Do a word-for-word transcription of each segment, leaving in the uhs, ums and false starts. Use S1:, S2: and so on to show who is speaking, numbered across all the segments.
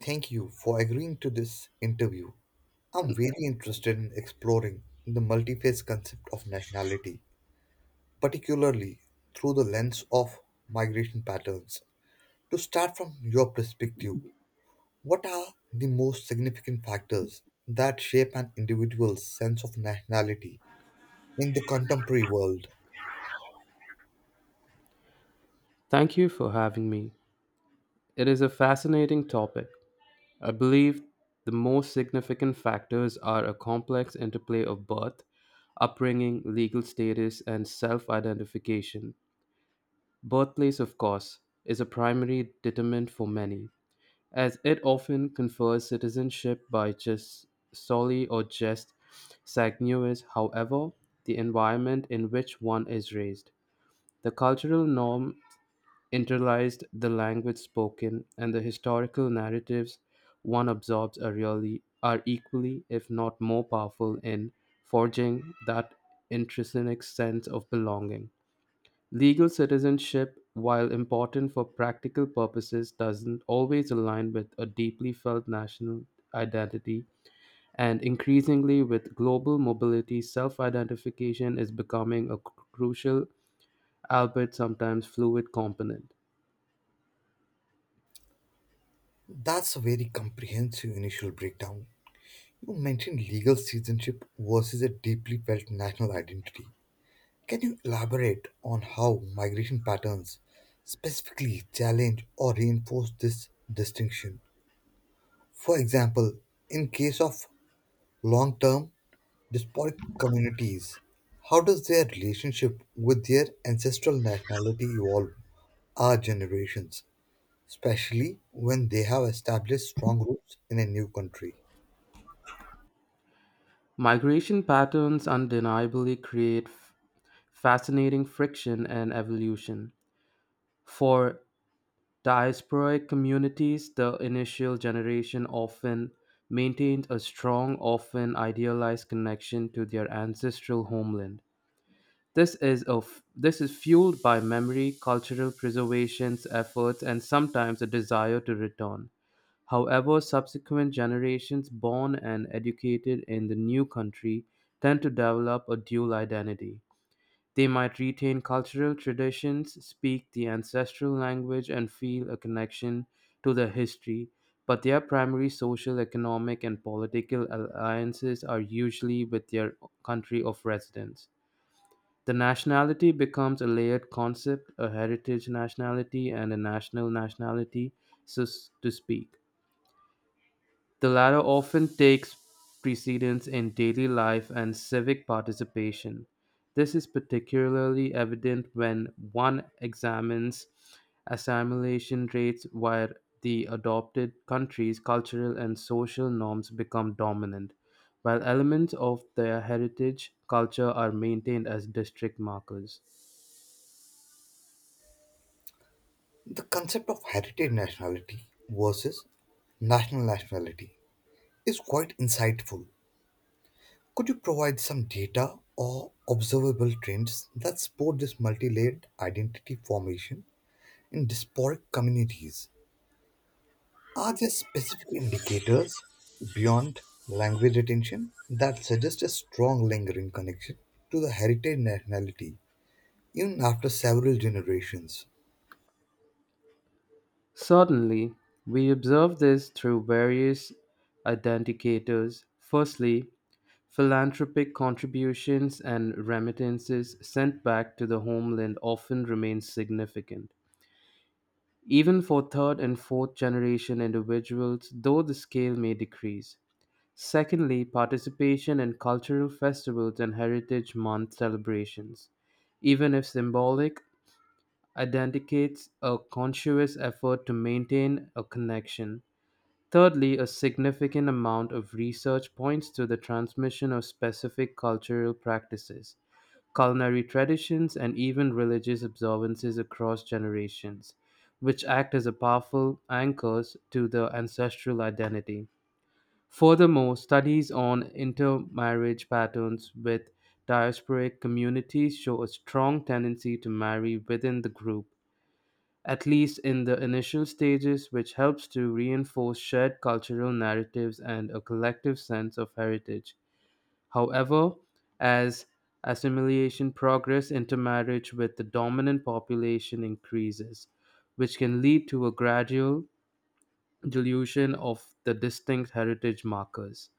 S1: Thank you for agreeing to this interview. I'm very interested in exploring the multi-phase concept of nationality, particularly through the lens of migration patterns. To start from your perspective, what are the most significant factors that shape an individual's sense of nationality in the contemporary world?
S2: Thank you for having me. It is a fascinating topic. I believe the most significant factors are a complex interplay of birth, upbringing, legal status, and self identification. Birthplace, of course, is a primary determinant for many, as it often confers citizenship by just solely or just sanguineous. However, the environment in which one is raised, the cultural norm internalized the language spoken, and the historical narratives one absorbs are really are equally, if not more powerful in forging that intrinsic sense of belonging. Legal citizenship, while important for practical purposes, doesn't always align with a deeply felt national identity, and increasingly with global mobility, self identification is becoming a crucial, albeit sometimes fluid, component.
S1: That's a very comprehensive initial breakdown. You mentioned legal citizenship versus a deeply felt national identity. Can you elaborate on how migration patterns specifically challenge or reinforce this distinction? For example, in case of long term diasporic communities, how does their relationship with their ancestral nationality evolve our generations, especially when they have established strong roots in a new country?
S2: Migration patterns undeniably create f- fascinating friction and evolution. For diasporic communities, the initial generation often maintained a strong, often idealized connection to their ancestral homeland. This is, a f- this is fueled by memory, cultural preservation's efforts, and sometimes a desire to return. However, subsequent generations born and educated in the new country tend to develop a dual identity. They might retain cultural traditions, speak the ancestral language, and feel a connection to their history, but their primary social, economic, and political alliances are usually with their country of residence. The nationality becomes a layered concept, a heritage nationality, and a national nationality, so s- to speak. The latter often takes precedence in daily life and civic participation. This is particularly evident when one examines assimilation rates where the adopted countries' cultural and social norms become dominant, while elements of their heritage culture are maintained as district markers.
S1: The concept of heritage nationality versus national nationality is quite insightful. Could you provide some data or observable trends that support this multi-layered identity formation in diasporic communities? Are there specific indicators beyond language retention that suggest a strong lingering connection to the heritage nationality even after several generations?
S2: Certainly, we observe this through various identicators. Firstly, philanthropic contributions and remittances sent back to the homeland often remain significant, even for third and fourth generation individuals, though the scale may decrease. Secondly, participation in cultural festivals and Heritage Month celebrations. Even if symbolic, identifies a conscious effort to maintain a connection. Thirdly, a significant amount of research points to the transmission of specific cultural practices, culinary traditions, and even religious observances across generations, which act as a powerful anchors to the ancestral identity. Furthermore, studies on intermarriage patterns with diasporic communities show a strong tendency to marry within the group at least in the initial stages, which helps to reinforce shared cultural narratives and a collective sense of heritage. However, as assimilation progress intermarriage with the dominant population increases, which can lead to a gradual dilution of the distinct heritage markers.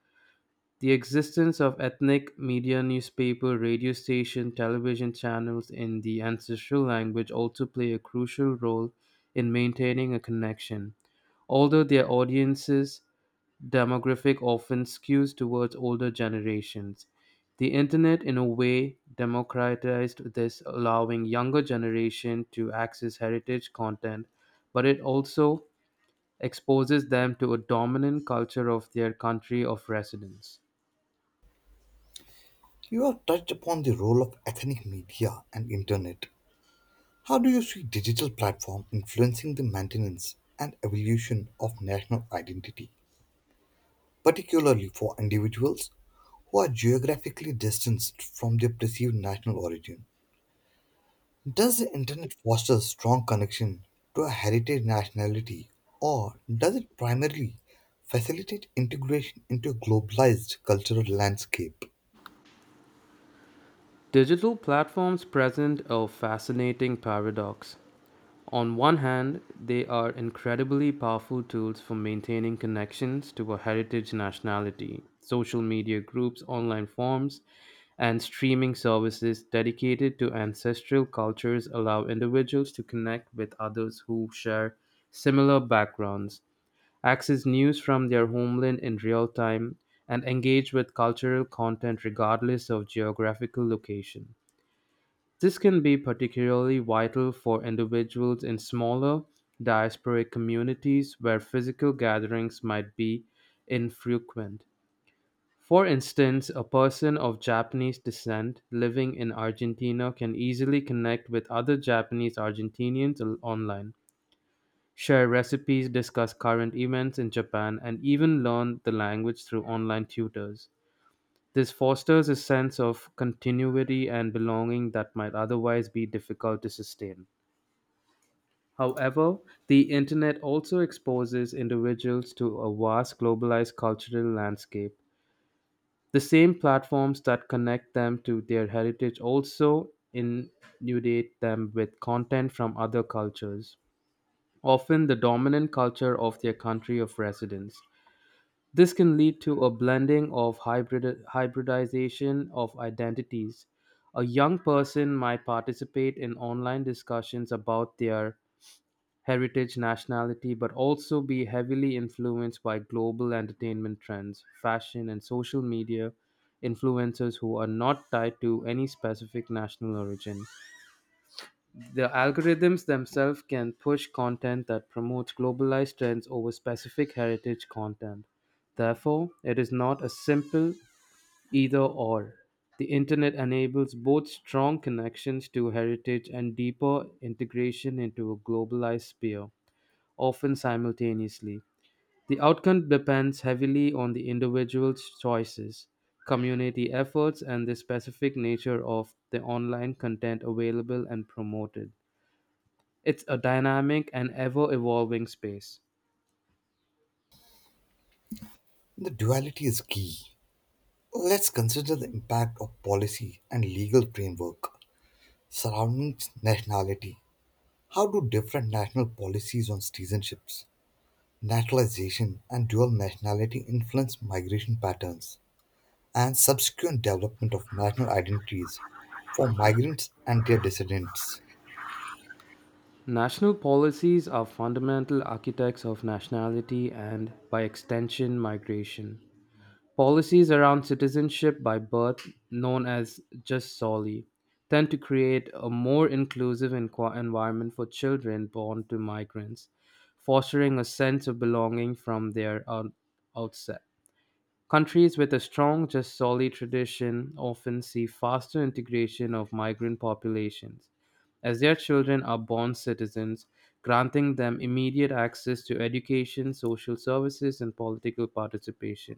S2: The existence of ethnic media newspaper, radio station, television channels in the ancestral language also play a crucial role in maintaining a connection. Although their audiences demographic often skews towards older generations, the internet in a way democratized this allowing younger generation to access heritage content, but it also exposes them to a dominant culture of their country of residence.
S1: You have touched upon the role of ethnic media and internet. How do you see digital platform influencing the maintenance and evolution of national identity, particularly for individuals who are geographically distanced from their perceived national origin? Does the internet foster a strong connection to a heritage nationality, or does it primarily facilitate integration into a globalized cultural landscape?
S2: Digital platforms present a fascinating paradox. On one hand, they are incredibly powerful tools for maintaining connections to a heritage nationality, social media groups, online forums, and streaming services dedicated to ancestral cultures allow individuals to connect with others who share similar backgrounds, access news from their homeland in real time, and engage with cultural content regardless of geographical location. This can be particularly vital for individuals in smaller, diasporic communities where physical gatherings might be infrequent. For instance, a person of Japanese descent living in Argentina can easily connect with other Japanese Argentinians al- online, share recipes, discuss current events in Japan, and even learn the language through online tutors. This fosters a sense of continuity and belonging that might otherwise be difficult to sustain. However, the internet also exposes individuals to a vast globalized cultural landscape. The same platforms that connect them to their heritage also inundate them with content from other cultures, often the dominant culture of their country of residence. This can lead to a blending of hybrid, hybridization of identities. A young person might participate in online discussions about their heritage, nationality, but also be heavily influenced by global entertainment trends, fashion, and social media influencers who are not tied to any specific national origin. The algorithms themselves can push content that promotes globalized trends over specific heritage content. Therefore, it is not a simple either or. The internet enables both strong connections to heritage and deeper integration into a globalized sphere, often simultaneously. The outcome depends heavily on the individual's choices, community efforts, and the specific nature of the online content available and promoted. It's a dynamic and ever evolving space.
S1: The duality is key. Let's consider the impact of policy and legal framework surrounding nationality. How do different national policies on citizenships, Natalization and dual nationality influence migration patterns and subsequent development of national identities for migrants and their descendants?
S2: National policies are fundamental architects of nationality and, by extension, migration. Policies around citizenship by birth, known as just soli, tend to create a more inclusive enqu- environment for children born to migrants, fostering a sense of belonging from their out- outset. Countries with a strong Jasoli tradition often see faster integration of migrant populations, as their children are born citizens, granting them immediate access to education, social services, and political participation.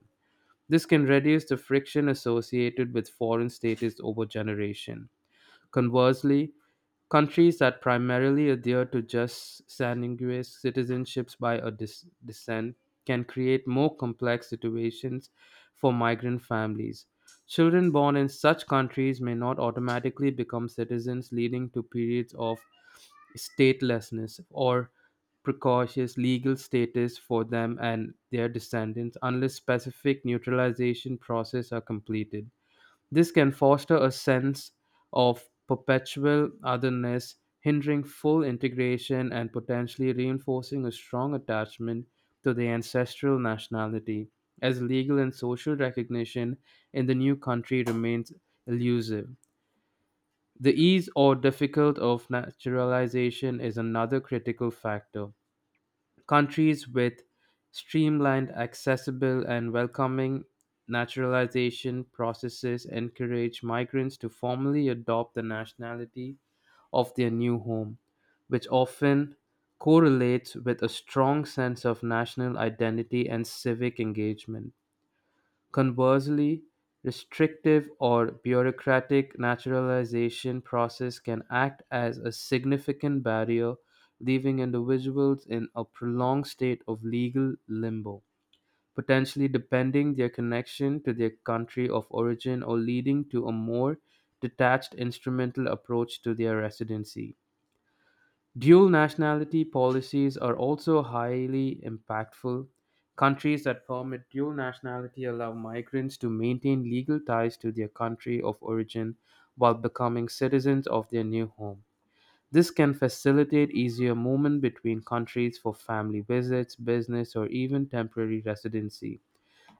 S2: This can reduce the friction associated with foreign status over generation. Conversely, countries that primarily adhere to just sanguineous citizenships by a dis- descent can create more complex situations for migrant families. Children born in such countries may not automatically become citizens, leading to periods of statelessness or precocious legal status for them and their descendants unless specific neutralization processes are completed. This can foster a sense of perpetual otherness, hindering full integration and potentially reinforcing a strong attachment to the ancestral nationality, as legal and social recognition in the new country remains elusive. The ease or difficult of naturalization is another critical factor. Countries with streamlined, accessible, and welcoming naturalization processes encourage migrants to formally adopt the nationality of their new home, which often correlates with a strong sense of national identity and civic engagement. Conversely, restrictive or bureaucratic naturalization process can act as a significant barrier, leaving individuals in a prolonged state of legal limbo, potentially depending their connection to their country of origin or leading to a more detached instrumental approach to their residency. Dual nationality policies are also highly impactful. Countries that permit dual nationality allow migrants to maintain legal ties to their country of origin while becoming citizens of their new home. This can facilitate easier movement between countries for family visits, business, or even temporary residency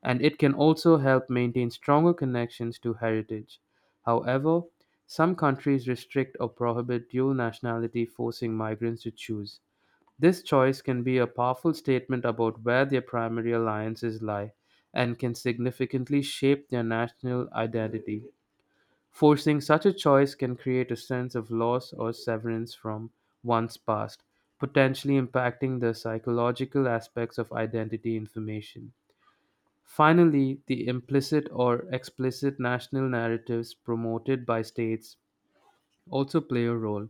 S2: and it can also help maintain stronger connections to heritage. However, some countries restrict or prohibit dual nationality, forcing migrants to choose. This choice can be a powerful statement about where their primary alliances lie and can significantly shape their national identity. Forcing such a choice can create a sense of loss or severance from one's past, potentially impacting the psychological aspects of identity information. Finally, the implicit or explicit national narratives promoted by states also play a role.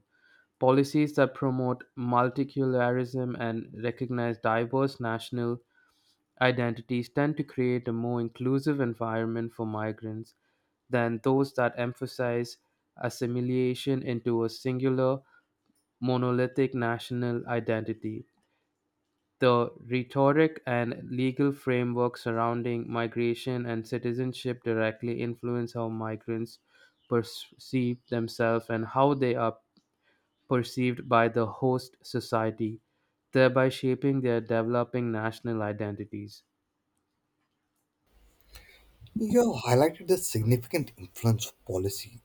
S2: Policies that promote multiculturalism and recognize diverse national identities tend to create a more inclusive environment for migrants than those that emphasize assimilation into a singular monolithic national identity. The rhetoric and legal framework surrounding migration and citizenship directly influence how migrants perceive themselves and how they are perceived by the host society, thereby shaping their developing national identities.
S1: You have highlighted the significant influence of policy.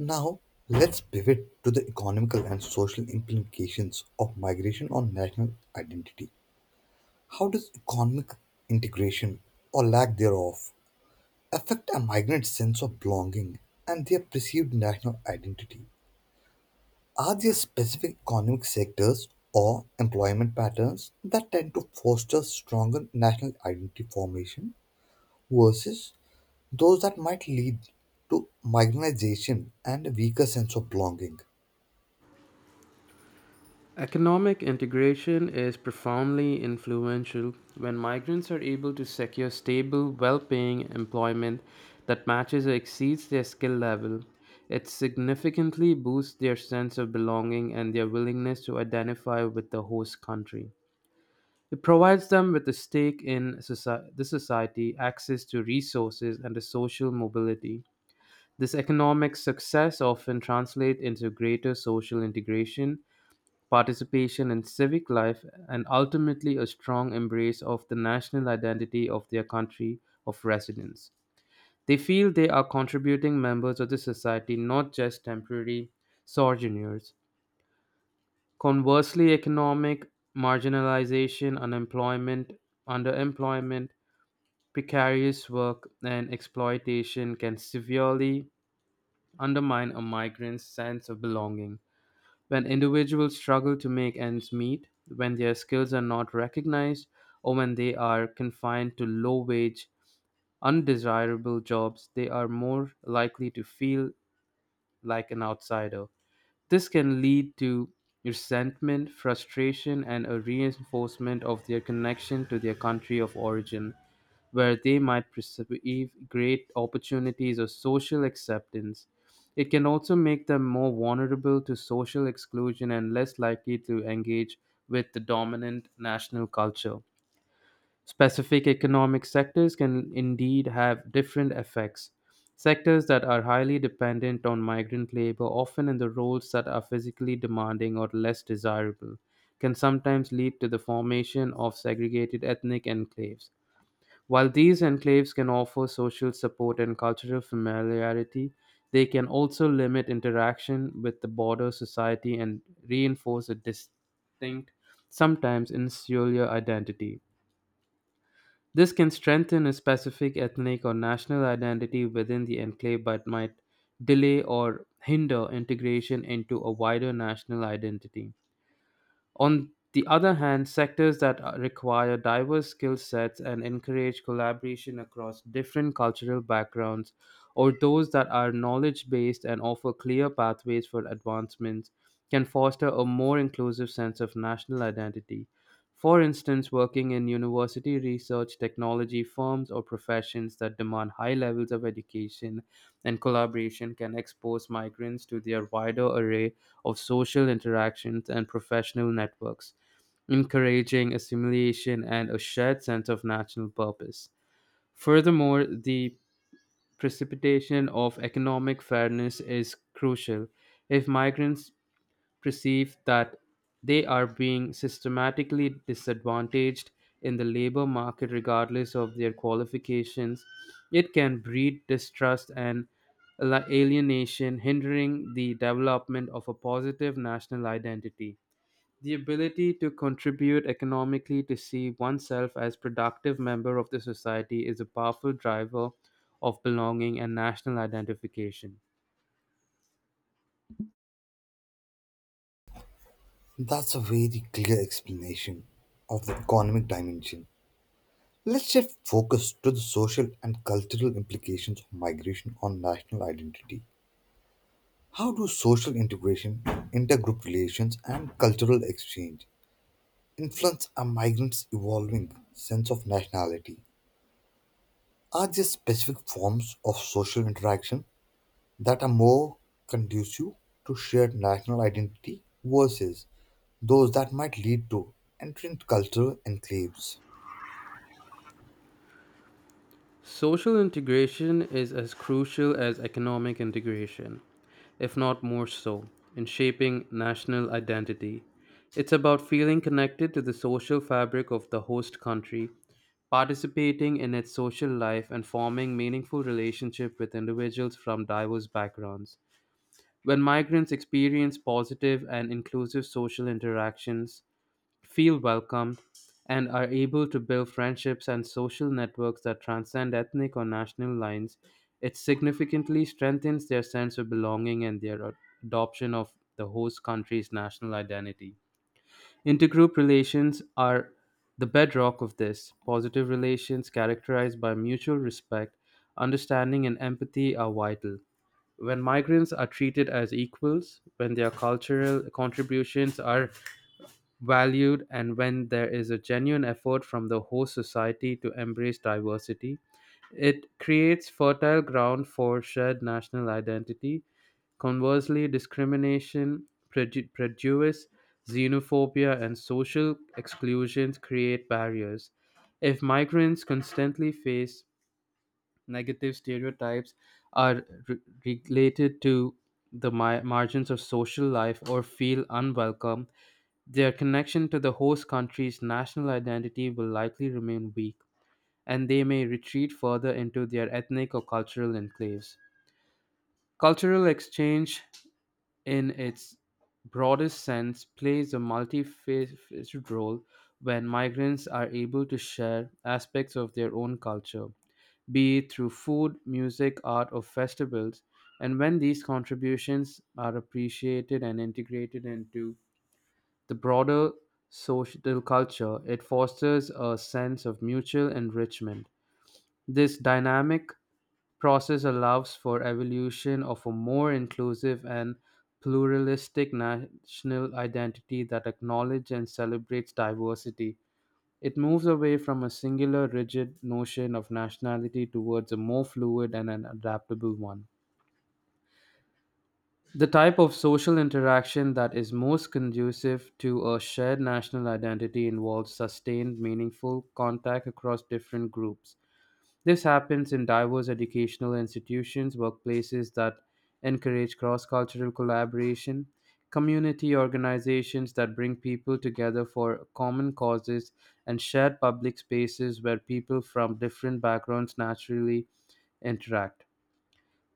S1: Now, let's pivot to the economical and social implications of migration on national identity. How does economic integration or lack thereof affect a migrant's sense of belonging and their perceived national identity? Are there specific economic sectors or employment patterns that tend to foster stronger national identity formation versus those that might lead to marginalization and a weaker sense of belonging?
S2: Economic integration is profoundly influential. When migrants are able to secure stable, well paying employment that matches or exceeds their skill level, it significantly boosts their sense of belonging and their willingness to identify with the host country. It provides them with a stake in soci- the society, access to resources, and a social mobility. This economic success often translates into greater social integration participation in civic life, and ultimately a strong embrace of the national identity of their country of residence. They feel they are contributing members of the society, not just temporary sojourners. Conversely, economic marginalization, unemployment, underemployment, precarious work, and exploitation can severely undermine a migrant's sense of belonging. When individuals struggle to make ends meet, when their skills are not recognized, or when they are confined to low wage, undesirable jobs, they are more likely to feel like an outsider. This can lead to resentment, frustration, and a reinforcement of their connection to their country of origin, where they might perceive great opportunities or social acceptance. It can also make them more vulnerable to social exclusion and less likely to engage with the dominant national culture. Specific economic sectors can indeed have different effects. Sectors that are highly dependent on migrant labor, often in the roles that are physically demanding or less desirable, can sometimes lead to the formation of segregated ethnic enclaves. While these enclaves can offer social support and cultural familiarity, they can also limit interaction with the broader society and reinforce a distinct, sometimes insular identity. This can strengthen a specific ethnic or national identity within the enclave but might delay or hinder integration into a wider national identity. On the other hand, sectors that are- require diverse skill sets and encourage collaboration across different cultural backgrounds, or those that are knowledge based and offer clear pathways for advancements, can foster a more inclusive sense of national identity. For instance, working in university research, technology firms, or professions that demand high levels of education and collaboration can expose migrants to their wider array of social interactions and professional networks, encouraging assimilation and a shared sense of national purpose. Furthermore, the precipitation of economic fairness is crucial. If migrants perceive that they are being systematically disadvantaged in the labor market regardless of their qualifications, it can breed distrust and ala- alienation, hindering the development of a positive national identity. The ability to contribute economically to see oneself as productive member of the society is a powerful driver of belonging and national identification.
S1: That's a very clear explanation of the economic dimension. Let's shift focus to the social and cultural implications of migration on national identity. How do social integration, intergroup relations, and cultural exchange influence a migrant's evolving sense of nationality? Are there specific forms of social interaction that are more conducive to shared national identity versus those that might lead to entering cultural enclaves?
S2: Social integration is as crucial as economic integration, if not more so, in shaping national identity. It's about feeling connected to the social fabric of the host country, participating in its social life, and forming meaningful relationships with individuals from diverse backgrounds. When migrants experience positive and inclusive social interactions, feel welcomed, and are able to build friendships and social networks that transcend ethnic or national lines, it significantly strengthens their sense of belonging and their ad- adoption of the host country's national identity. Intergroup relations are the bedrock of this. Positive relations characterized by mutual respect, understanding, and empathy are vital. When migrants are treated as equals, when their cultural contributions are valued and when there is a genuine effort from the host society to embrace diversity. It creates fertile ground for shared national identity. Conversely, discrimination, preju- prejudice, xenophobia, and social exclusions create barriers. If migrants constantly face negative stereotypes are re- related to the mi- margins of social life or feel unwelcome, their connection to the host country's national identity will likely remain weak, and they may retreat further into their ethnic or cultural enclaves. Cultural exchange, in its broadest sense, plays a multifaceted role when migrants are able to share aspects of their own culture, be it through food, music, art, or festivals, and when these contributions are appreciated and integrated into the broader social culture, it fosters a sense of mutual enrichment. This dynamic process allows for evolution of a more inclusive and pluralistic national identity that acknowledges and celebrates diversity. It moves away from a singular rigid notion of nationality towards a more fluid and an adaptable one. The type of social interaction that is most conducive to a shared national identity involves sustained, meaningful contact across different groups. This happens in diverse educational institutions, workplaces that encourage cross cultural collaboration, community organizations that bring people together for common causes, and shared public spaces where people from different backgrounds naturally interact.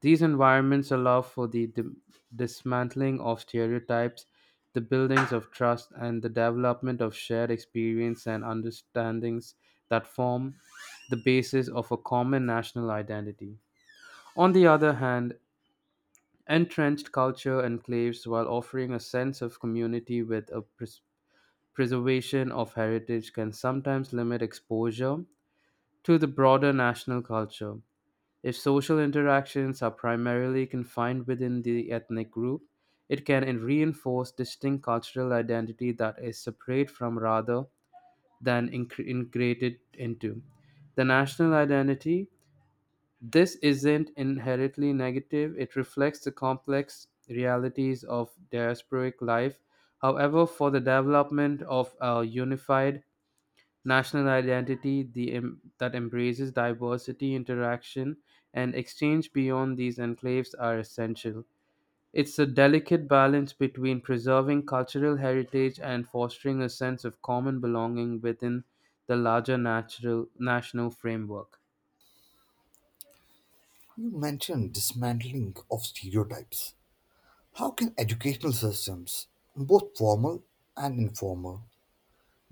S2: These environments allow for the dim- dismantling of stereotypes, the buildings of trust, and the development of shared experience and understandings that form the basis of a common national identity. On the other hand, entrenched culture enclaves, while offering a sense of community with a pres- preservation of heritage, can sometimes limit exposure to the broader national culture. If social interactions are primarily confined within the ethnic group, it can en- reinforce distinct cultural identity that is separate from rather than incre- integrated into. The national identity, this isn't inherently negative, it reflects the complex realities of diasporic life. However, for the development of a unified national identity the, em- that embraces diversity, interaction, and exchange beyond these enclaves are essential. It's a delicate balance between preserving cultural heritage and fostering a sense of common belonging within the larger natural, national framework.
S1: You mentioned dismantling of stereotypes. How can educational systems, both formal and informal,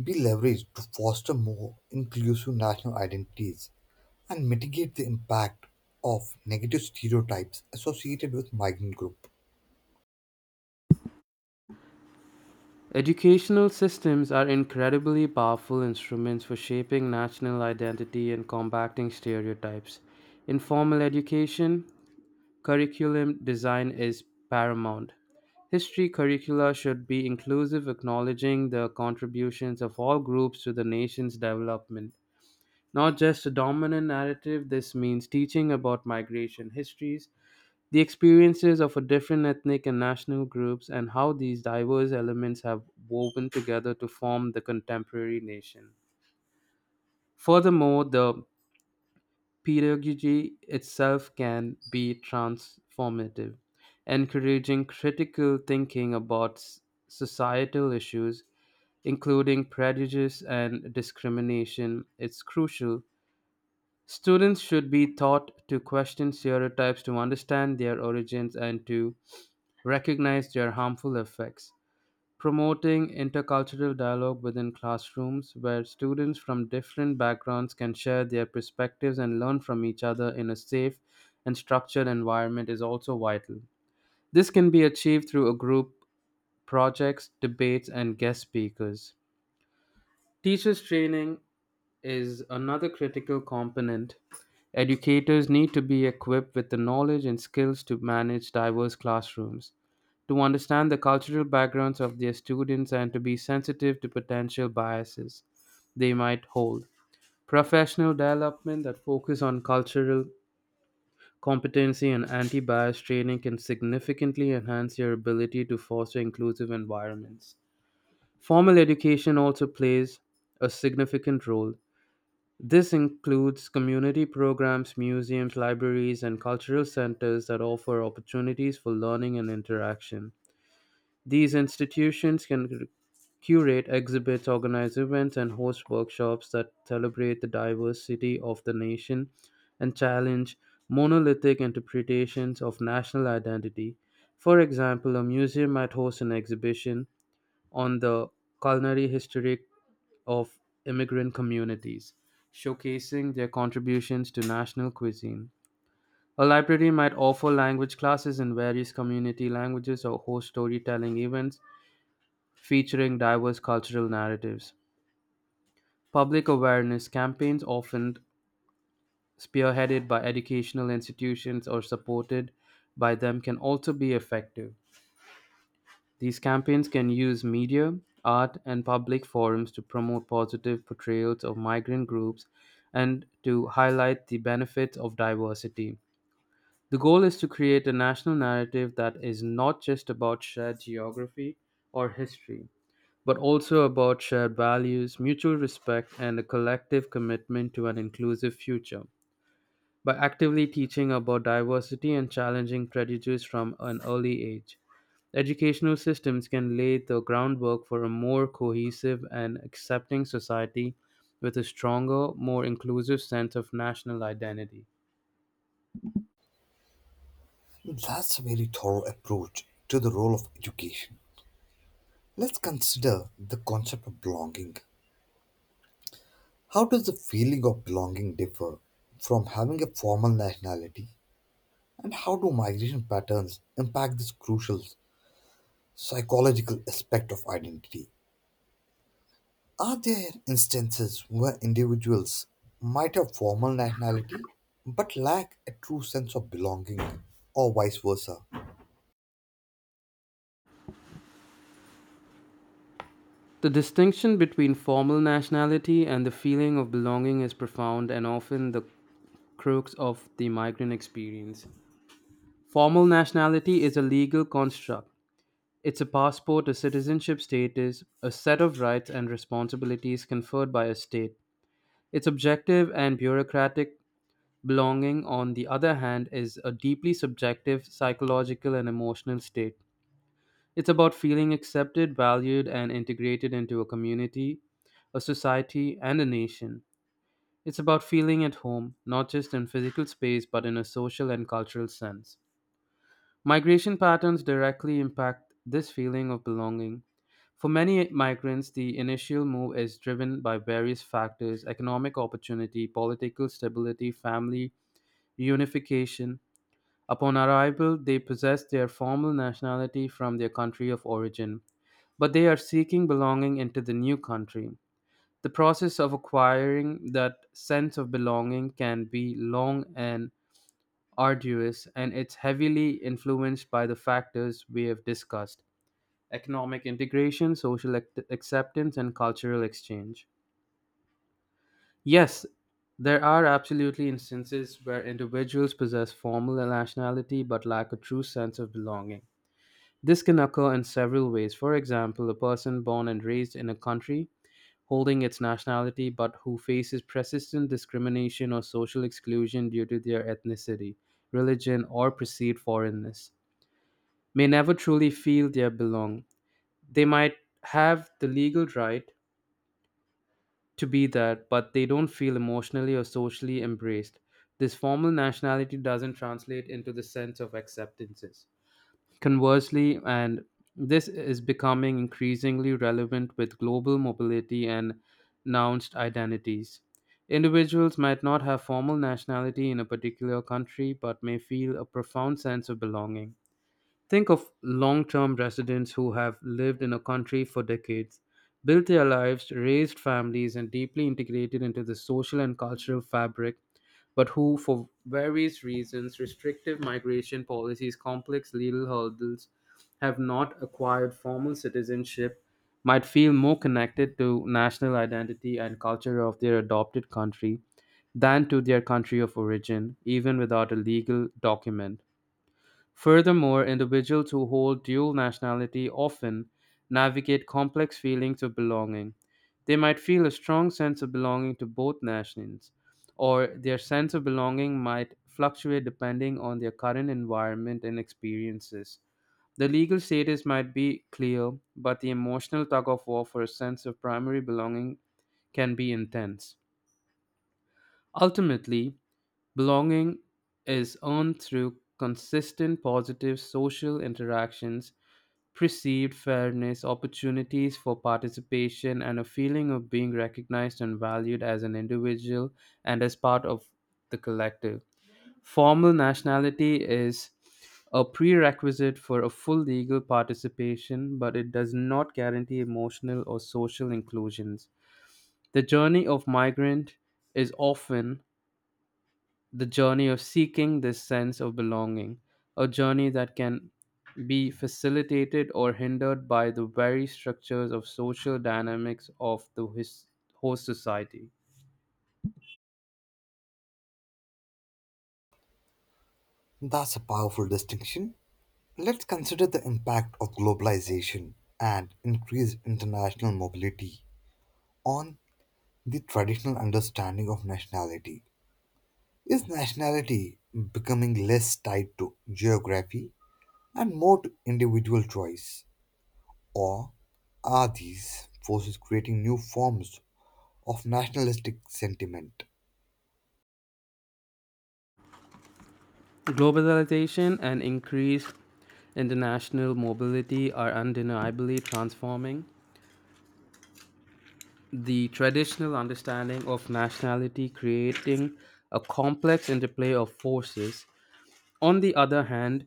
S1: be leveraged to foster more inclusive national identities and mitigate the impact of negative stereotypes associated with migrant group?
S2: Educational systems are incredibly powerful instruments for shaping national identity and combating stereotypes. In formal education, curriculum design is paramount. History curricula should be inclusive, acknowledging the contributions of all groups to the nation's development, not just a dominant narrative. This means teaching about migration histories, the experiences of a different ethnic and national groups, and how these diverse elements have woven together to form the contemporary nation. Furthermore, the pedagogy itself can be transformative, encouraging critical thinking about s- societal issues, including prejudice and discrimination. It's crucial. Students should be taught to question stereotypes to understand their origins and to recognize their harmful effects. Promoting intercultural dialogue within classrooms where students from different backgrounds can share their perspectives and learn from each other in a safe and structured environment is also vital. This can be achieved through a group projects, debates, and guest speakers. Teachers' training is another critical component. Educators need to be equipped with the knowledge and skills to manage diverse classrooms, to understand the cultural backgrounds of their students, and to be sensitive to potential biases they might hold. Professional development that focus on cultural competency and anti-bias training can significantly enhance your ability to foster inclusive environments. Formal education also plays a significant role. This includes community programs, museums, libraries, and cultural centers that offer opportunities for learning and interaction. These institutions can cu- curate exhibits, organize events, and host workshops that celebrate the diversity of the nation and challenge monolithic interpretations of national identity. For example, a museum might host an exhibition on the culinary history of immigrant communities, showcasing their contributions to national cuisine. A library might offer language classes in various community languages or host storytelling events featuring diverse cultural narratives. Public awareness campaigns, often spearheaded by educational institutions or supported by them, can also be effective. These campaigns can use media, art, and public forums to promote positive portrayals of migrant groups and to highlight the benefits of diversity. The goal is to create a national narrative that is not just about shared geography or history, but also about shared values, mutual respect, and a collective commitment to an inclusive future. By actively teaching about diversity and challenging prejudice from an early age, educational systems can lay the groundwork for a more cohesive and accepting society with a stronger, more inclusive sense of national identity.
S1: That's a very thorough approach to the role of education. Let's consider the concept of belonging. How does the feeling of belonging differ from having a formal nationality? And how do migration patterns impact this crucial psychological aspect of identity? Are there instances where individuals might have formal nationality but lack a true sense of belonging, or vice versa?
S2: The distinction between formal nationality and the feeling of belonging is profound and often the crux of the migrant experience. Formal nationality is a legal construct. It's a passport, a citizenship status, a set of rights and responsibilities conferred by a state. It's objective and bureaucratic. Belonging, on the other hand, is a deeply subjective psychological and emotional state. It's about feeling accepted, valued, and integrated into a community, a society, and a nation. It's about feeling at home, not just in physical space, but in a social and cultural sense. Migration patterns directly impact this feeling of belonging. For many migrants, the initial move is driven by various factors: economic opportunity, political stability, family reunification. Upon arrival, they possess their formal nationality from their country of origin, but they are seeking belonging into the new country. The process of acquiring that sense of belonging can be long and arduous, and it's heavily influenced by the factors we have discussed: economic integration, social act- acceptance, and cultural exchange. Yes, there are absolutely instances where individuals possess formal nationality but lack a true sense of belonging. This can occur in several ways. For example, a person born and raised in a country holding its nationality but who faces persistent discrimination or social exclusion due to their ethnicity, religion, or perceived foreignness may never truly feel they belong. They might have the legal right to be that, but they don't feel emotionally or socially embraced. This formal nationality doesn't translate into the sense of acceptances. Conversely, and this is becoming increasingly relevant with global mobility and nounced identities. Individuals might not have formal nationality in a particular country but may feel a profound sense of belonging. Think of long term residents who have lived in a country for decades, built their lives, raised families, and deeply integrated into the social and cultural fabric, but who, for various reasons restrictive migration policies, complex legal hurdles have not acquired formal citizenship, might feel more connected to national identity and culture of their adopted country than to their country of origin, even without a legal document. Furthermore, individuals who hold dual nationality often navigate complex feelings of belonging. They might feel a strong sense of belonging to both nations, or their sense of belonging might fluctuate depending on their current environment and experiences. The legal status might be clear, but the emotional tug of war for a sense of primary belonging can be intense. Ultimately, belonging is earned through consistent positive social interactions, perceived fairness, opportunities for participation, and a feeling of being recognized and valued as an individual and as part of the collective. Formal nationality is a prerequisite for a full legal participation, but it does not guarantee emotional or social inclusions. The journey of migrant is often the journey of seeking this sense of belonging, a journey that can be facilitated or hindered by the very structures of social dynamics of the his, host society.
S1: That's a powerful distinction. Let's consider the impact of globalization and increased international mobility on the traditional understanding of nationality. Is nationality becoming less tied to geography and more to individual choice? Or are these forces creating new forms of nationalistic sentiment?
S2: Globalization and increased international mobility are undeniably transforming the traditional understanding of nationality, creating a complex interplay of forces. On the other hand,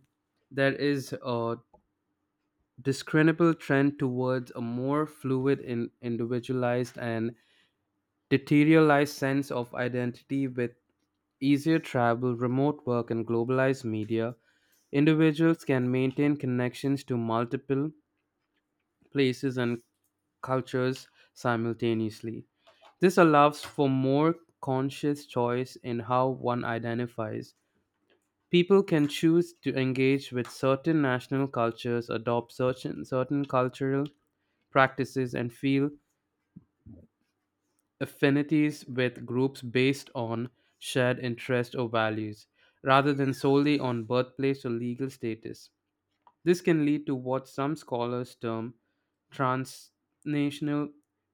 S2: there is a discernible trend towards a more fluid, in, individualized, and deteriorized sense of identity with easier travel, remote work, and globalized media. Individuals can maintain connections to multiple places and cultures simultaneously. This allows for more conscious choice in how one identifies. People can choose to engage with certain national cultures, adopt certain, certain cultural practices, and feel affinities with groups based on shared interests or values, rather than solely on birthplace or legal status. This can lead to what some scholars term transnational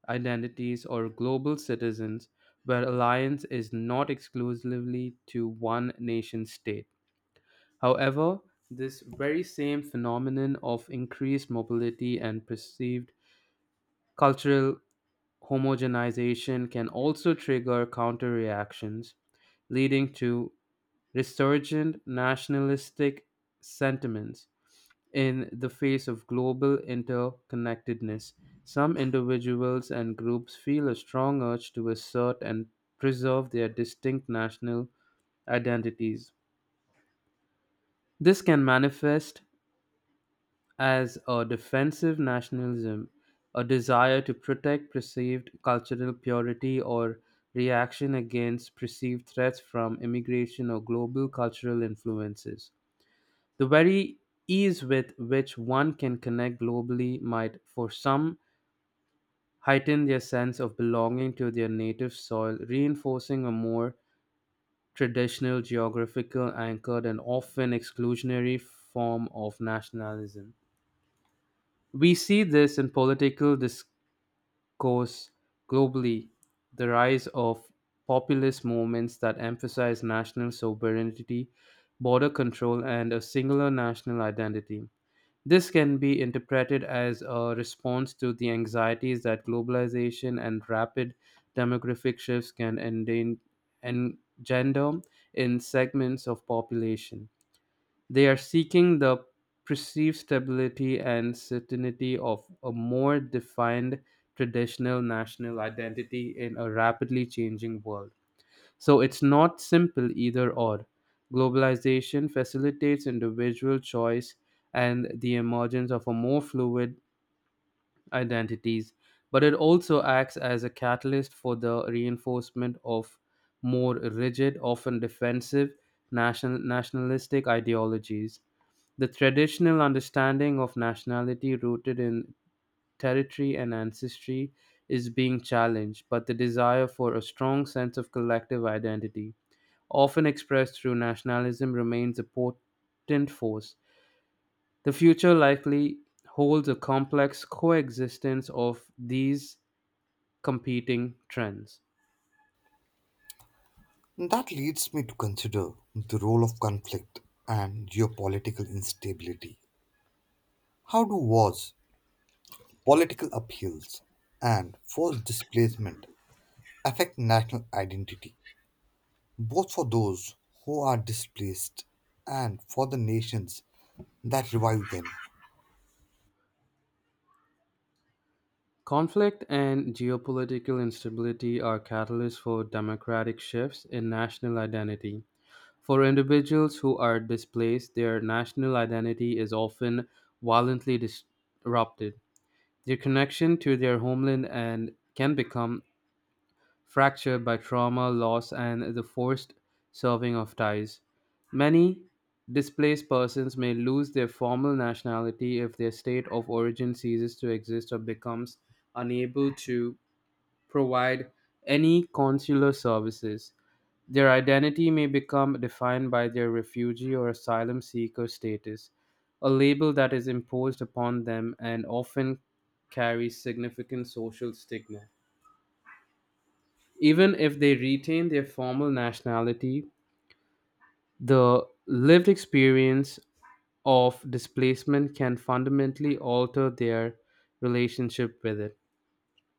S2: identities or global citizens, where alliance is not exclusively to one nation state. However, this very same phenomenon of increased mobility and perceived cultural homogenization can also trigger counter reactions, leading to resurgent nationalistic sentiments in the face of global interconnectedness. Some individuals and groups feel a strong urge to assert and preserve their distinct national identities. This can manifest as a defensive nationalism, a desire to protect perceived cultural purity or reaction against perceived threats from immigration or global cultural influences. The very ease with which one can connect globally might, for some, heighten their sense of belonging to their native soil, reinforcing a more traditional, geographical anchored, and often exclusionary form of nationalism. We see this in political discourse globally, the rise of populist movements that emphasize national sovereignty, border control, and a singular national identity. This can be interpreted as a response to the anxieties that globalization and rapid demographic shifts can enden- engender in segments of population. They are seeking the perceived stability and certainty of a more defined traditional national identity in a rapidly changing world. So it's not simple either or. Globalization facilitates individual choice and the emergence of a more fluid identities, but it also acts as a catalyst for the reinforcement of more rigid, often defensive, national, nationalistic ideologies. The traditional understanding of nationality rooted in territory and ancestry is being challenged, but the desire for a strong sense of collective identity, often expressed through nationalism, remains a potent force. The future likely holds a complex coexistence of these competing trends.
S1: That leads me to consider the role of conflict and geopolitical instability. How do wars, political upheavals, and forced displacement affect national identity, both for those who are displaced and for the nations that revive them?
S2: Conflict and geopolitical instability are catalysts for democratic shifts in national identity. For individuals who are displaced, their national identity is often violently disrupted. Their connection to their homeland and can become fractured by trauma, loss, and the forced severed of ties. Many displaced persons may lose their formal nationality if their state of origin ceases to exist or becomes unable to provide any consular services. Their identity may become defined by their refugee or asylum seeker status, a label that is imposed upon them and often carries significant social stigma. Even if they retain their formal nationality, the lived experience of displacement can fundamentally alter their relationship with it.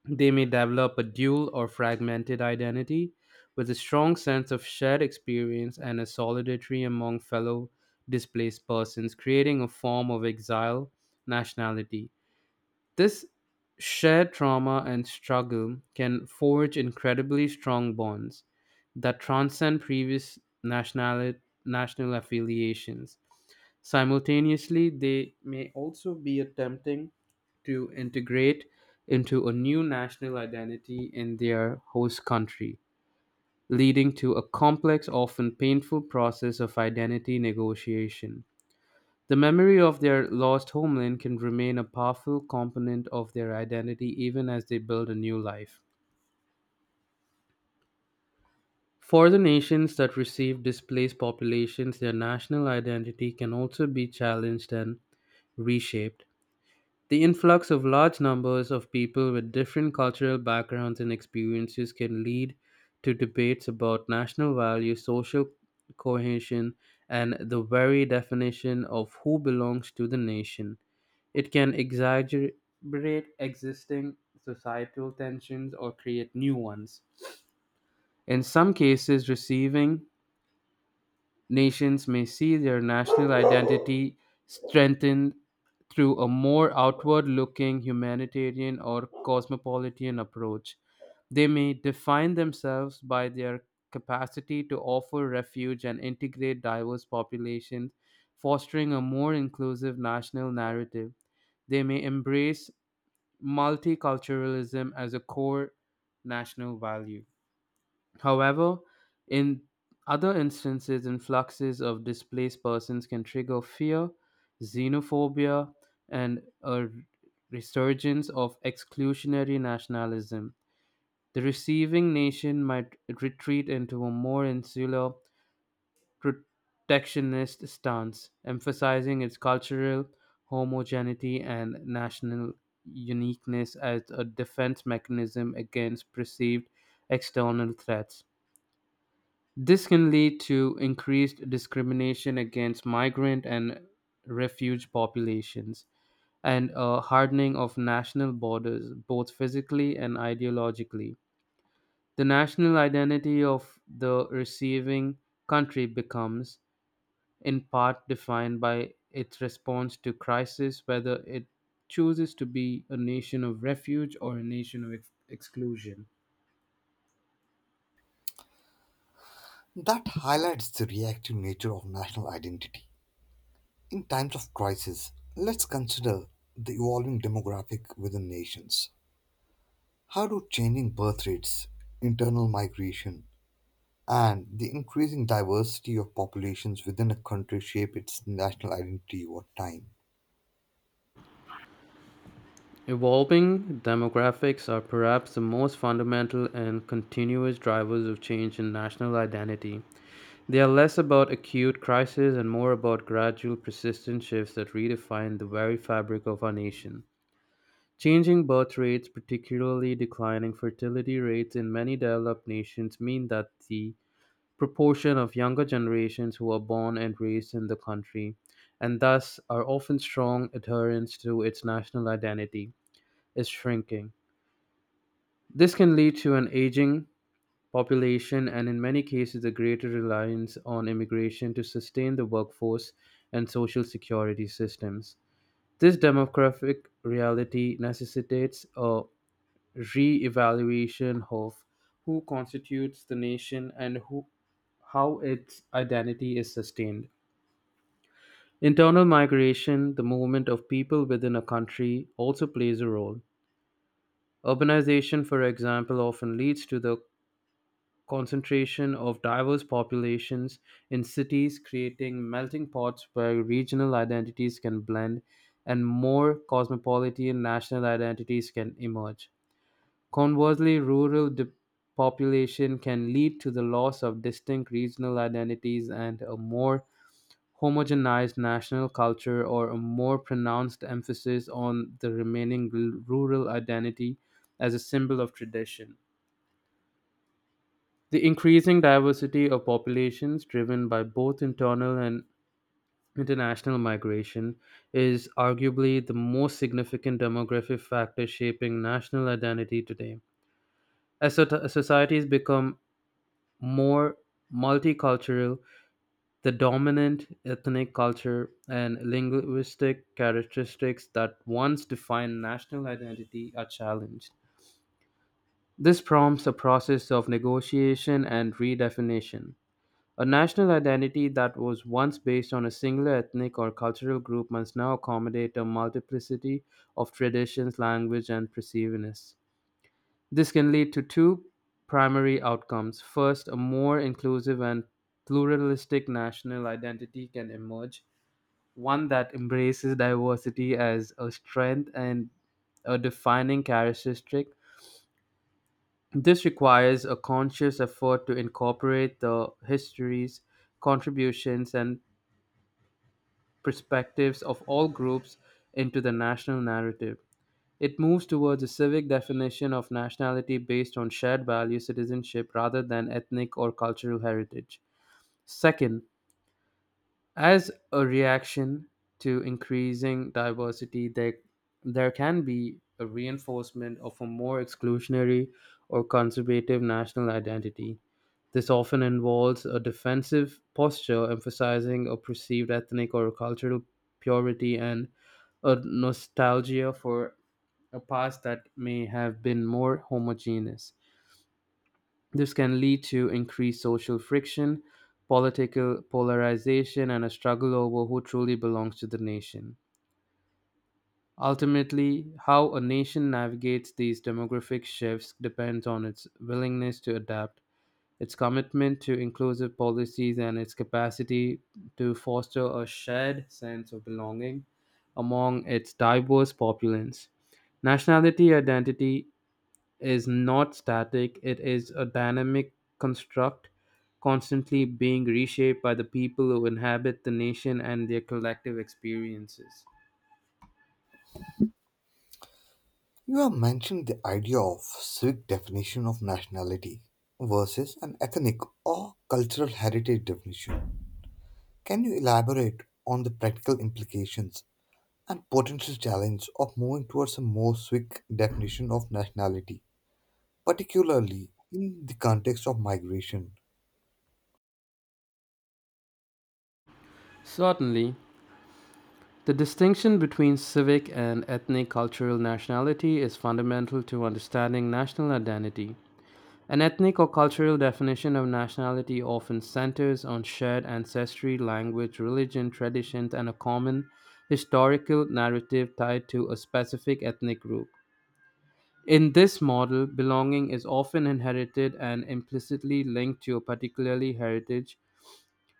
S2: They may develop a dual or fragmented identity with a strong sense of shared experience and a solidarity among fellow displaced persons, creating a form of exile nationality. This shared trauma and struggle can forge incredibly strong bonds that transcend previous national, national affiliations. Simultaneously, they may also be attempting to integrate into a new national identity in their host country, leading to a complex, often painful process of identity negotiation. The memory of their lost homeland can remain a powerful component of their identity even as they build a new life. For the nations that receive displaced populations, their national identity can also be challenged and reshaped. The influx of large numbers of people with different cultural backgrounds and experiences can lead to debates about national values, social cohesion, and the very definition of who belongs to the nation. It can exacerbate existing societal tensions or create new ones. In some cases, receiving nations may see their national identity strengthened through a more outward looking humanitarian or cosmopolitan approach. They may define themselves by their capacity to offer refuge and integrate diverse populations, fostering a more inclusive national narrative. They may embrace multiculturalism as a core national value. However, in other instances, influxes of displaced persons can trigger fear, xenophobia, and a resurgence of exclusionary nationalism. The receiving nation might retreat into a more insular protectionist stance, emphasizing its cultural homogeneity and national uniqueness as a defense mechanism against perceived external threats. This can lead to increased discrimination against migrant and refugee populations and a hardening of national borders, both physically and ideologically. The national identity of the receiving country becomes in part defined by its response to crisis, whether it chooses to be a nation of refuge or a nation of ex- exclusion.
S1: That highlights the reactive nature of national identity. In times of crisis, let's consider the evolving demographic within nations. How do changing birth rates, internal migration, and the increasing diversity of populations within a country shape its national identity over time?
S2: Evolving demographics are perhaps the most fundamental and continuous drivers of change in national identity. They are less about acute crises and more about gradual, persistent shifts that redefine the very fabric of our nation. Changing birth rates, particularly declining fertility rates in many developed nations, mean that the proportion of younger generations who are born and raised in the country and thus are often strong adherents to its national identity is shrinking. This can lead to an aging population and, in many cases, a greater reliance on immigration to sustain the workforce and social security systems. This demographic reality necessitates a re-evaluation of who constitutes the nation and who, how its identity is sustained. Internal migration, the movement of people within a country, also plays a role. Urbanization, for example, often leads to the concentration of diverse populations in cities, creating melting pots where regional identities can blend and more cosmopolitan national identities can emerge. Conversely, rural depopulation can lead to the loss of distinct regional identities and a more homogenized national culture or a more pronounced emphasis on the remaining r- rural identity as a symbol of tradition. The increasing diversity of populations driven by both internal and international migration is arguably the most significant demographic factor shaping national identity today. As so- societies become more multicultural, the dominant ethnic culture and linguistic characteristics that once defined national identity are challenged. This prompts a process of negotiation and redefinition. A national identity that was once based on a singular ethnic or cultural group must now accommodate a multiplicity of traditions, language, and perceivedness. This can lead to two primary outcomes. First, a more inclusive and pluralistic national identity can emerge, one that embraces diversity as a strength and a defining characteristic. This requires a conscious effort to incorporate the histories, contributions, and perspectives of all groups into the national narrative. It moves towards a civic definition of nationality based on shared value citizenship rather than ethnic or cultural heritage. Second, as a reaction to increasing diversity, there, there can be a reinforcement of a more exclusionary or conservative national identity. This often involves a defensive posture emphasizing a perceived ethnic or cultural purity and a nostalgia for a past that may have been more homogeneous. This can lead to increased social friction, political polarization, and a struggle over who truly belongs to the nation. Ultimately, how a nation navigates these demographic shifts depends on its willingness to adapt, its commitment to inclusive policies, and its capacity to foster a shared sense of belonging among its diverse populace. Nationality identity is not static, it is a dynamic construct constantly being reshaped by the people who inhabit the nation and their collective experiences.
S1: You have mentioned the idea of civic definition of nationality versus an ethnic or cultural heritage definition. Can you elaborate on the practical implications and potential challenge of moving towards a more civic definition of nationality, particularly in the context of migration?
S2: Certainly, the distinction between civic and ethnic cultural nationality is fundamental to understanding national identity. An ethnic or cultural definition of nationality often centers on shared ancestry, language, religion, traditions, and a common historical narrative tied to a specific ethnic group. In this model, belonging is often inherited and implicitly linked to a particular heritage.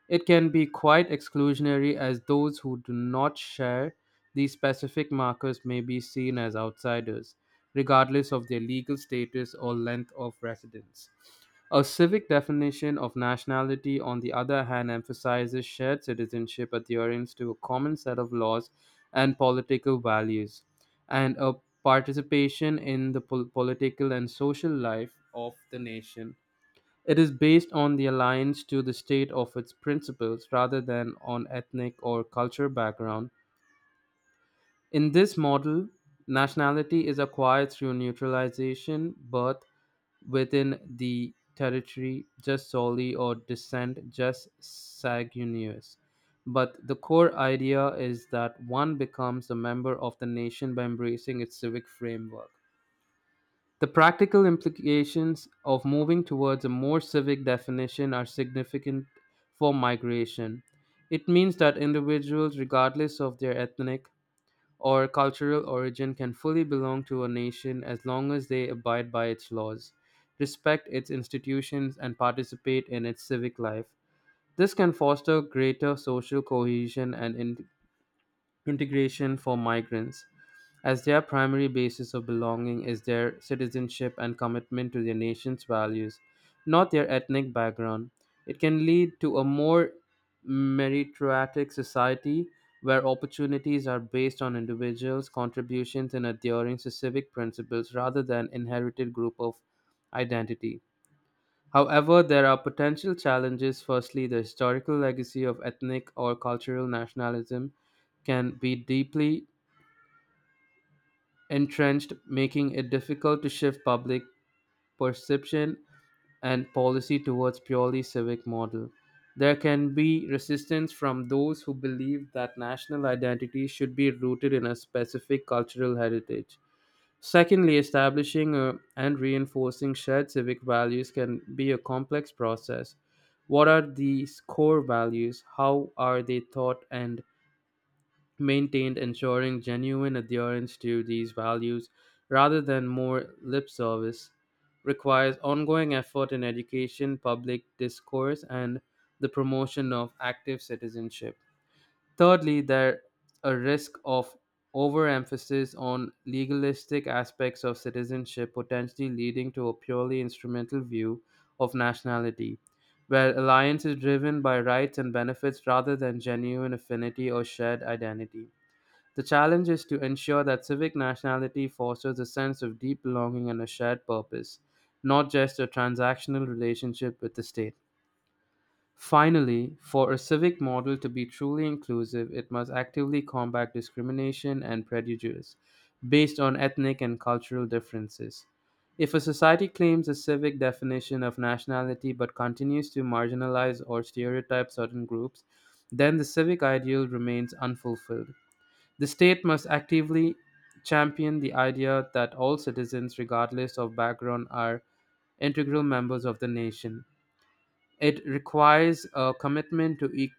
S2: It can be quite exclusionary, as those who do not share these specific markers may be seen as outsiders, regardless of their legal status or length of residence. A civic definition of nationality, on the other hand, emphasizes shared citizenship, adherence to a common set of laws and political values, and a participation in the pol- political and social life of the nation. It is based on the alliance to the state of its principles rather than on ethnic or cultural background, in this model, nationality is acquired through neutralization, birth within the territory, just solely, or descent, just sanguineous. But the core idea is that one becomes a member of the nation by embracing its civic framework. The practical implications of moving towards a more civic definition are significant for migration. It means that individuals, regardless of their ethnic, or cultural origin can fully belong to a nation as long as they abide by its laws, respect its institutions, and participate in its civic life. This can foster greater social cohesion and in- integration for migrants, as their primary basis of belonging is their citizenship and commitment to their nation's values, not their ethnic background. It can lead to a more meritocratic society where opportunities are based on individuals' contributions and adhering to civic principles rather than inherited group of identity. However, there are potential challenges. Firstly, the historical legacy of ethnic or cultural nationalism can be deeply entrenched, making it difficult to shift public perception and policy towards purely civic model. There can be resistance from those who believe that national identity should be rooted in a specific cultural heritage. Secondly, establishing uh, and reinforcing shared civic values can be a complex process. What are these core values? How are they taught and maintained, ensuring genuine adherence to these values rather than more lip service? Requires ongoing effort in education, public discourse, and the promotion of active citizenship. Thirdly, there a risk of overemphasis on legalistic aspects of citizenship, potentially leading to a purely instrumental view of nationality, where alliance is driven by rights and benefits rather than genuine affinity or shared identity. The challenge is to ensure that civic nationality fosters a sense of deep belonging and a shared purpose, not just a transactional relationship with the state. Finally, for a civic model to be truly inclusive, it must actively combat discrimination and prejudice based on ethnic and cultural differences. If a society claims a civic definition of nationality but continues to marginalize or stereotype certain groups, then the civic ideal remains unfulfilled. The state must actively champion the idea that all citizens, regardless of background, are integral members of the nation. It requires a commitment to, e-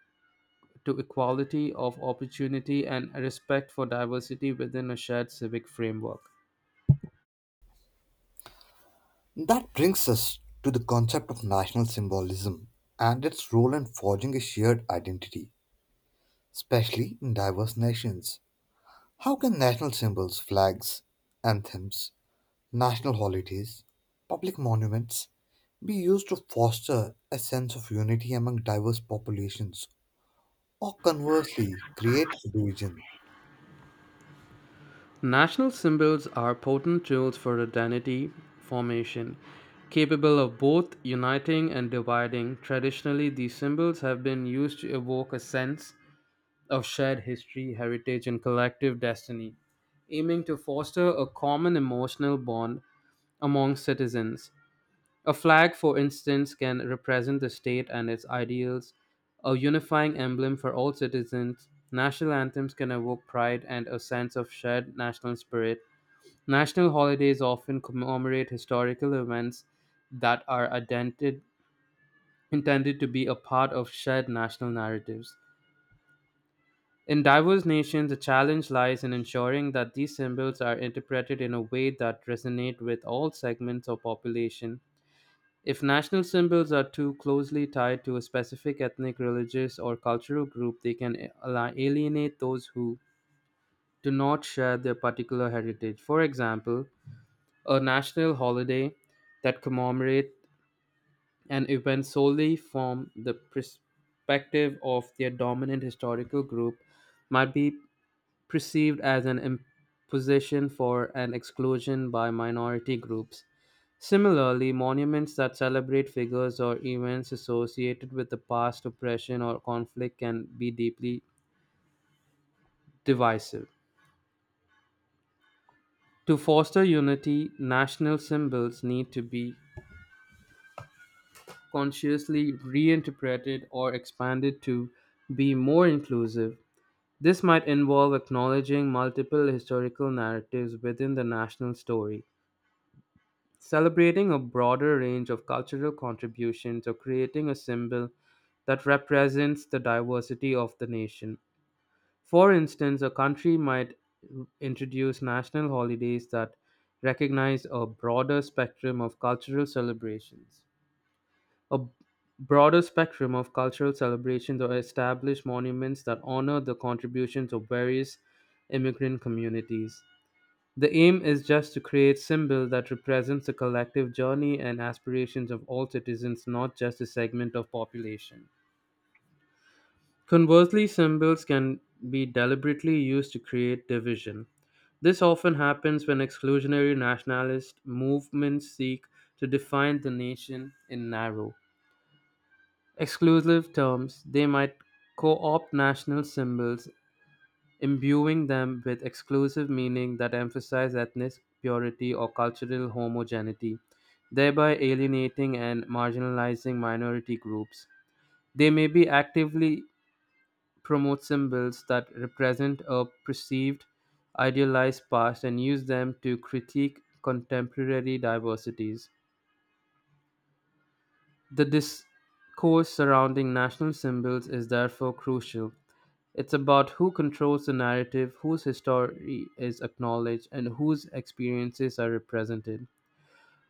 S2: to equality of opportunity and a respect for diversity within a shared civic framework.
S1: That brings us to the concept of national symbolism and its role in forging a shared identity, especially in diverse nations. How can national symbols, flags, anthems, national holidays, public monuments be used to foster a sense of unity among diverse populations or conversely create division?
S2: National symbols are potent tools for identity formation, capable of both uniting and dividing. Traditionally, these symbols have been used to evoke a sense of shared history, heritage, and collective destiny, aiming to foster a common emotional bond among citizens. A flag, for instance, can represent the state and its ideals, a unifying emblem for all citizens. National anthems can evoke pride and a sense of shared national spirit. National holidays often commemorate historical events that are identi- intended to be a part of shared national narratives. In diverse nations, the challenge lies in ensuring that these symbols are interpreted in a way that resonate with all segments of population. If national symbols are too closely tied to a specific ethnic, religious, or cultural group, they can a- ali- alienate those who do not share their particular heritage. For example, a national holiday that commemorates an event solely from the perspective of their dominant historical group might be perceived as an imposition for an exclusion by minority groups. Similarly, monuments that celebrate figures or events associated with the past oppression or conflict can be deeply divisive. To foster unity, national symbols need to be consciously reinterpreted or expanded to be more inclusive. This might involve acknowledging multiple historical narratives within the national story, celebrating a broader range of cultural contributions or creating a symbol that represents the diversity of the nation. For instance, a country might introduce national holidays that recognize a broader spectrum of cultural celebrations. A broader spectrum of cultural celebrations or establish monuments that honor the contributions of various immigrant communities. The aim is just to create symbol that represents the collective journey and aspirations of all citizens, not just a segment of population. Conversely, symbols can be deliberately used to create division. This often happens when exclusionary nationalist movements seek to define the nation in narrow, exclusive terms. They might co opt national symbols, imbuing them with exclusive meaning that emphasize ethnic purity or cultural homogeneity, thereby alienating and marginalizing minority groups. They may be actively promote symbols that represent a perceived idealized past and use them to critique contemporary diversities. The discourse surrounding national symbols is therefore crucial. It's about who controls the narrative, whose history is acknowledged, and whose experiences are represented.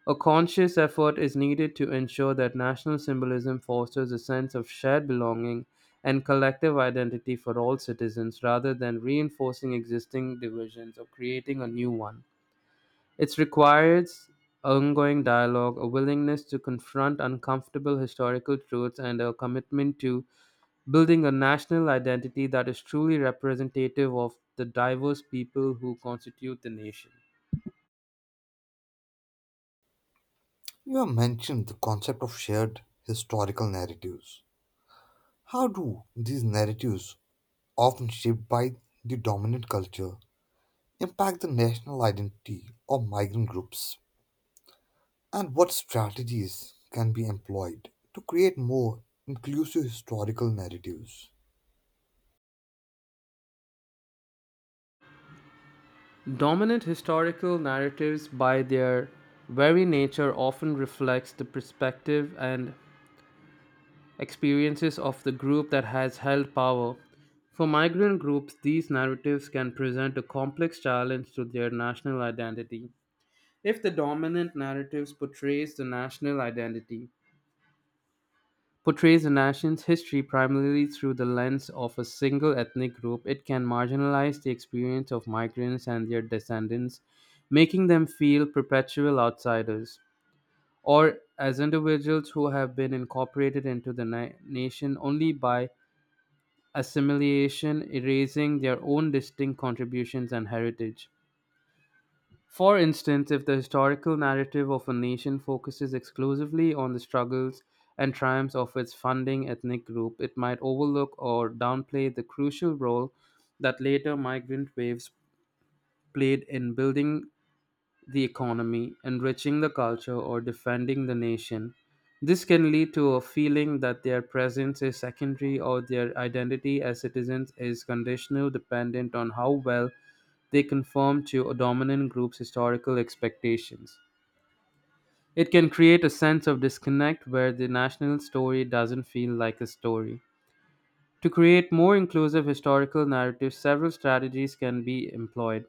S2: A conscious effort is needed to ensure that national symbolism fosters a sense of shared belonging and collective identity for all citizens rather than reinforcing existing divisions or creating a new one. It requires ongoing dialogue, a willingness to confront uncomfortable historical truths, and a commitment to building a national identity that is truly representative of the diverse people who constitute the nation.
S1: You have mentioned the concept of shared historical narratives. How do these narratives, often shaped by the dominant culture, impact the national identity of migrant groups? And what strategies can be employed to create more inclusive historical narratives?
S2: Dominant historical narratives, by their very nature, often reflects the perspective and experiences of the group that has held power. For migrant groups, these narratives can present a complex challenge to their national identity. If the dominant narratives portrays the national identity portrays a nation's history primarily through the lens of a single ethnic group, it can marginalize the experience of migrants and their descendants, making them feel perpetual outsiders, or as individuals who have been incorporated into the na- nation only by assimilation, erasing their own distinct contributions and heritage. For instance, if the historical narrative of a nation focuses exclusively on the struggles and triumphs of its founding ethnic group, it might overlook or downplay the crucial role that later migrant waves played in building the economy, enriching the culture, or defending the nation. This can lead to a feeling that their presence is secondary or their identity as citizens is conditional dependent on how well they conform to a dominant group's historical expectations. It can create a sense of disconnect where the national story doesn't feel like a story. To create more inclusive historical narratives, several strategies can be employed.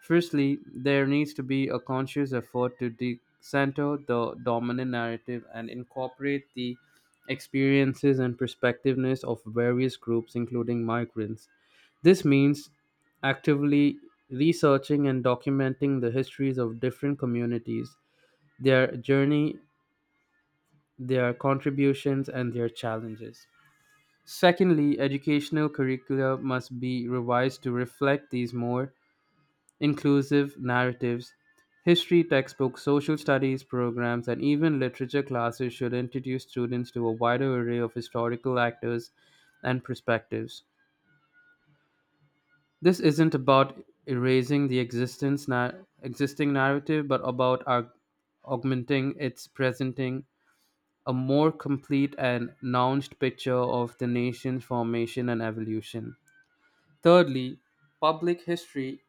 S2: Firstly, there needs to be a conscious effort to decenter the dominant narrative and incorporate the experiences and perspectiveness of various groups, including migrants. This means actively researching and documenting the histories of different communities, their journey, their contributions, and their challenges. Secondly, educational curricula must be revised to reflect these more inclusive narratives. History textbooks, social studies programs, and even literature classes should introduce students to a wider array of historical actors and perspectives. This isn't about erasing the existence nar- existing narrative, but about our augmenting its presenting a more complete and nuanced picture of the nation's formation and evolution. Thirdly, public history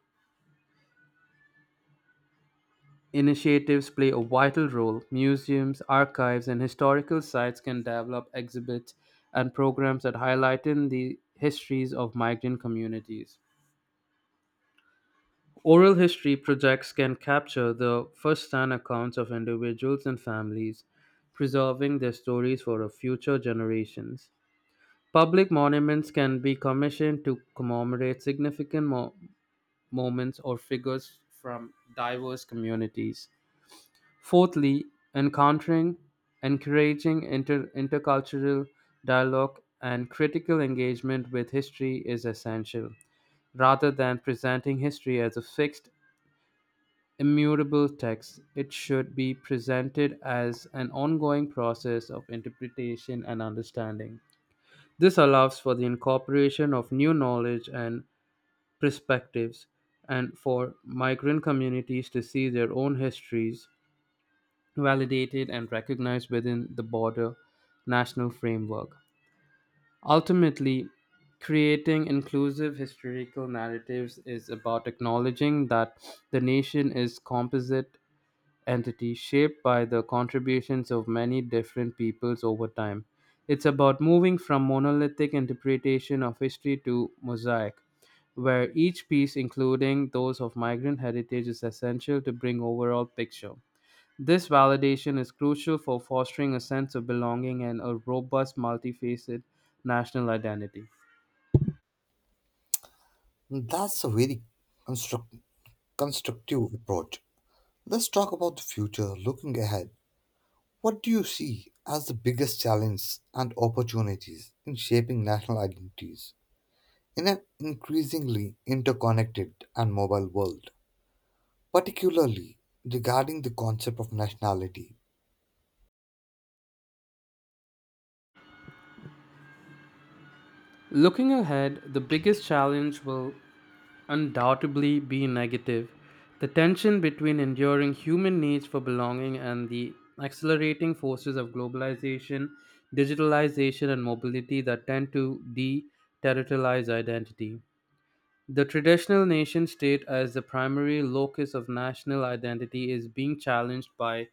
S2: initiatives play a vital role. Museums, archives, and historical sites can develop exhibits and programs that highlight in the histories of migrant communities. Oral history projects can capture the first hand accounts of individuals and families, preserving their stories for a future generations. Public monuments can be commissioned to commemorate significant mo- moments or figures from diverse communities. Fourthly, encountering, encouraging inter- intercultural dialogue and critical engagement with history is essential. Rather than presenting history as a fixed, immutable text, it should be presented as an ongoing process of interpretation and understanding. This allows for the incorporation of new knowledge and perspectives and for migrant communities to see their own histories validated and recognized within the broader national framework. Ultimately, creating inclusive historical narratives is about acknowledging that the nation is composite entity shaped by the contributions of many different peoples over time. It's about moving from monolithic interpretation of history to mosaic, where each piece, including those of migrant heritage, is essential to bring overall picture. This validation is crucial for fostering a sense of belonging and a robust, multifaceted national identity.
S1: That's a very construct- constructive approach. Let's talk about the future, looking ahead. What do you see as the biggest challenge and opportunities in shaping national identities in an increasingly interconnected and mobile world, particularly regarding the concept of nationality?
S2: Looking ahead, the biggest challenge will undoubtedly be negative the tension between enduring human needs for belonging and the accelerating forces of globalization, digitalization, and mobility that tend to de territorialize identity. The traditional nation state as the primary locus of national identity is being challenged by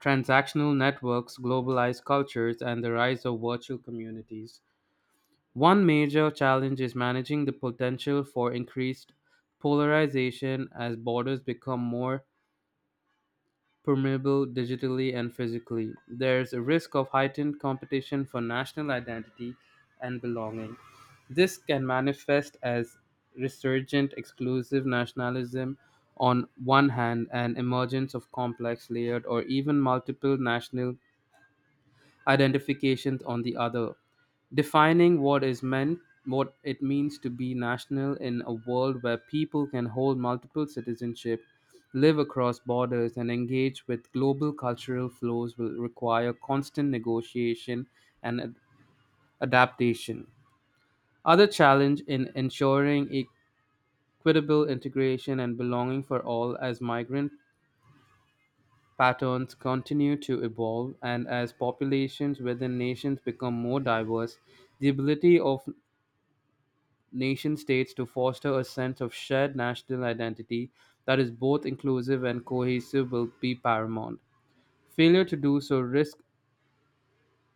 S2: transactional networks, globalized cultures, and the rise of virtual communities. One major challenge is managing the potential for increased polarization as borders become more permeable digitally and physically. There's a risk of heightened competition for national identity and belonging. This can manifest as resurgent exclusive nationalism on one hand and emergence of complex layered or even multiple national identifications on the other, defining what is meant, what it means to be national in a world where people can hold multiple citizenship, live across borders, and engage with global cultural flows will require constant negotiation and ad- adaptation. Other challenge in ensuring equitable integration and belonging for all as migrant patterns continue to evolve, and as populations within nations become more diverse, the ability of nation states to foster a sense of shared national identity that is both inclusive and cohesive will be paramount. Failure to do so risks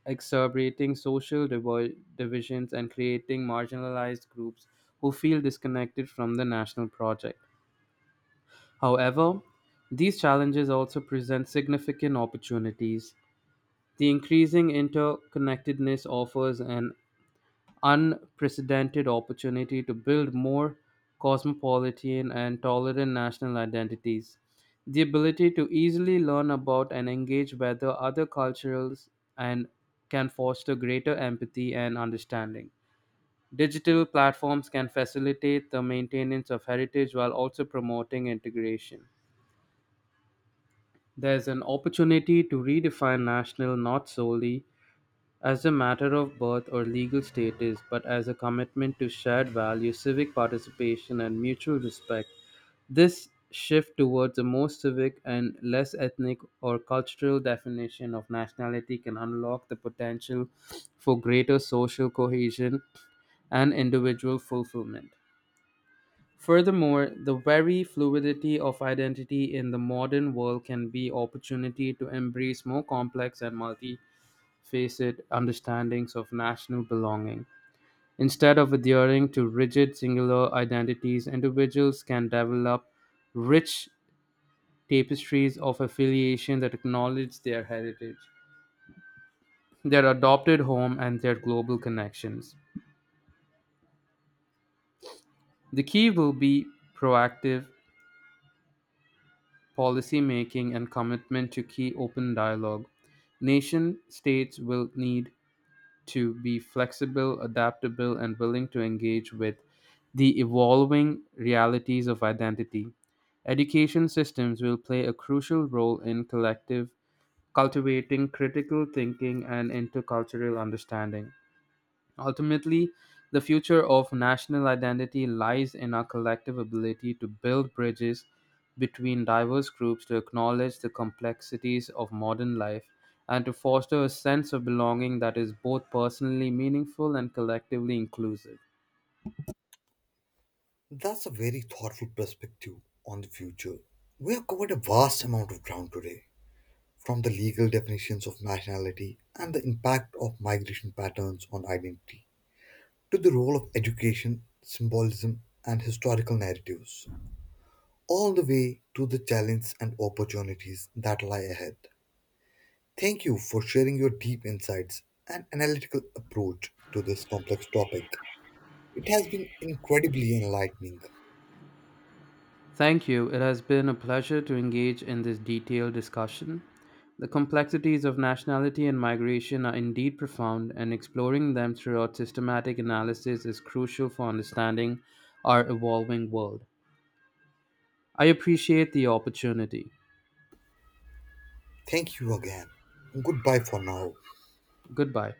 S2: exacerbating social divi- divisions and creating marginalized groups who feel disconnected from the national project. However, these challenges also present significant opportunities. The increasing interconnectedness offers an unprecedented opportunity to build more cosmopolitan and tolerant national identities. The ability to easily learn about and engage with the other cultures and can foster greater empathy and understanding. Digital platforms can facilitate the maintenance of heritage while also promoting integration. There's an opportunity to redefine national not solely as a matter of birth or legal status, but as a commitment to shared values, civic participation, and mutual respect. This shift towards a more civic and less ethnic or cultural definition of nationality can unlock the potential for greater social cohesion and individual fulfillment. Furthermore, the very fluidity of identity in the modern world can be opportunity to embrace more complex and multi facet understandings of national belonging. Instead of adhering to rigid singular identities, individuals can develop rich tapestries of affiliation that acknowledge their heritage, their adopted home, and their global connections. The key will be proactive policy making and commitment to key open dialogue. Nation states will need to be flexible, adaptable, and willing to engage with the evolving realities of identity. Education systems will play a crucial role in collective cultivating critical thinking and intercultural understanding. Ultimately, the future of national identity lies in our collective ability to build bridges between diverse groups, to acknowledge the complexities of modern life, and to foster a sense of belonging that is both personally meaningful and collectively inclusive.
S1: That's a very thoughtful perspective on the future. We have covered a vast amount of ground today, from the legal definitions of nationality and the impact of migration patterns on identity, to the role of education, symbolism, and historical narratives, all the way to the challenges and opportunities that lie ahead. Thank you for sharing your deep insights and analytical approach to this complex topic. It has been incredibly enlightening.
S2: Thank you. It has been a pleasure to engage in this detailed discussion. The complexities of nationality and migration are indeed profound, and exploring them throughout systematic analysis is crucial for understanding our evolving world. I appreciate the opportunity.
S1: Thank you again. Goodbye for now.
S2: Goodbye.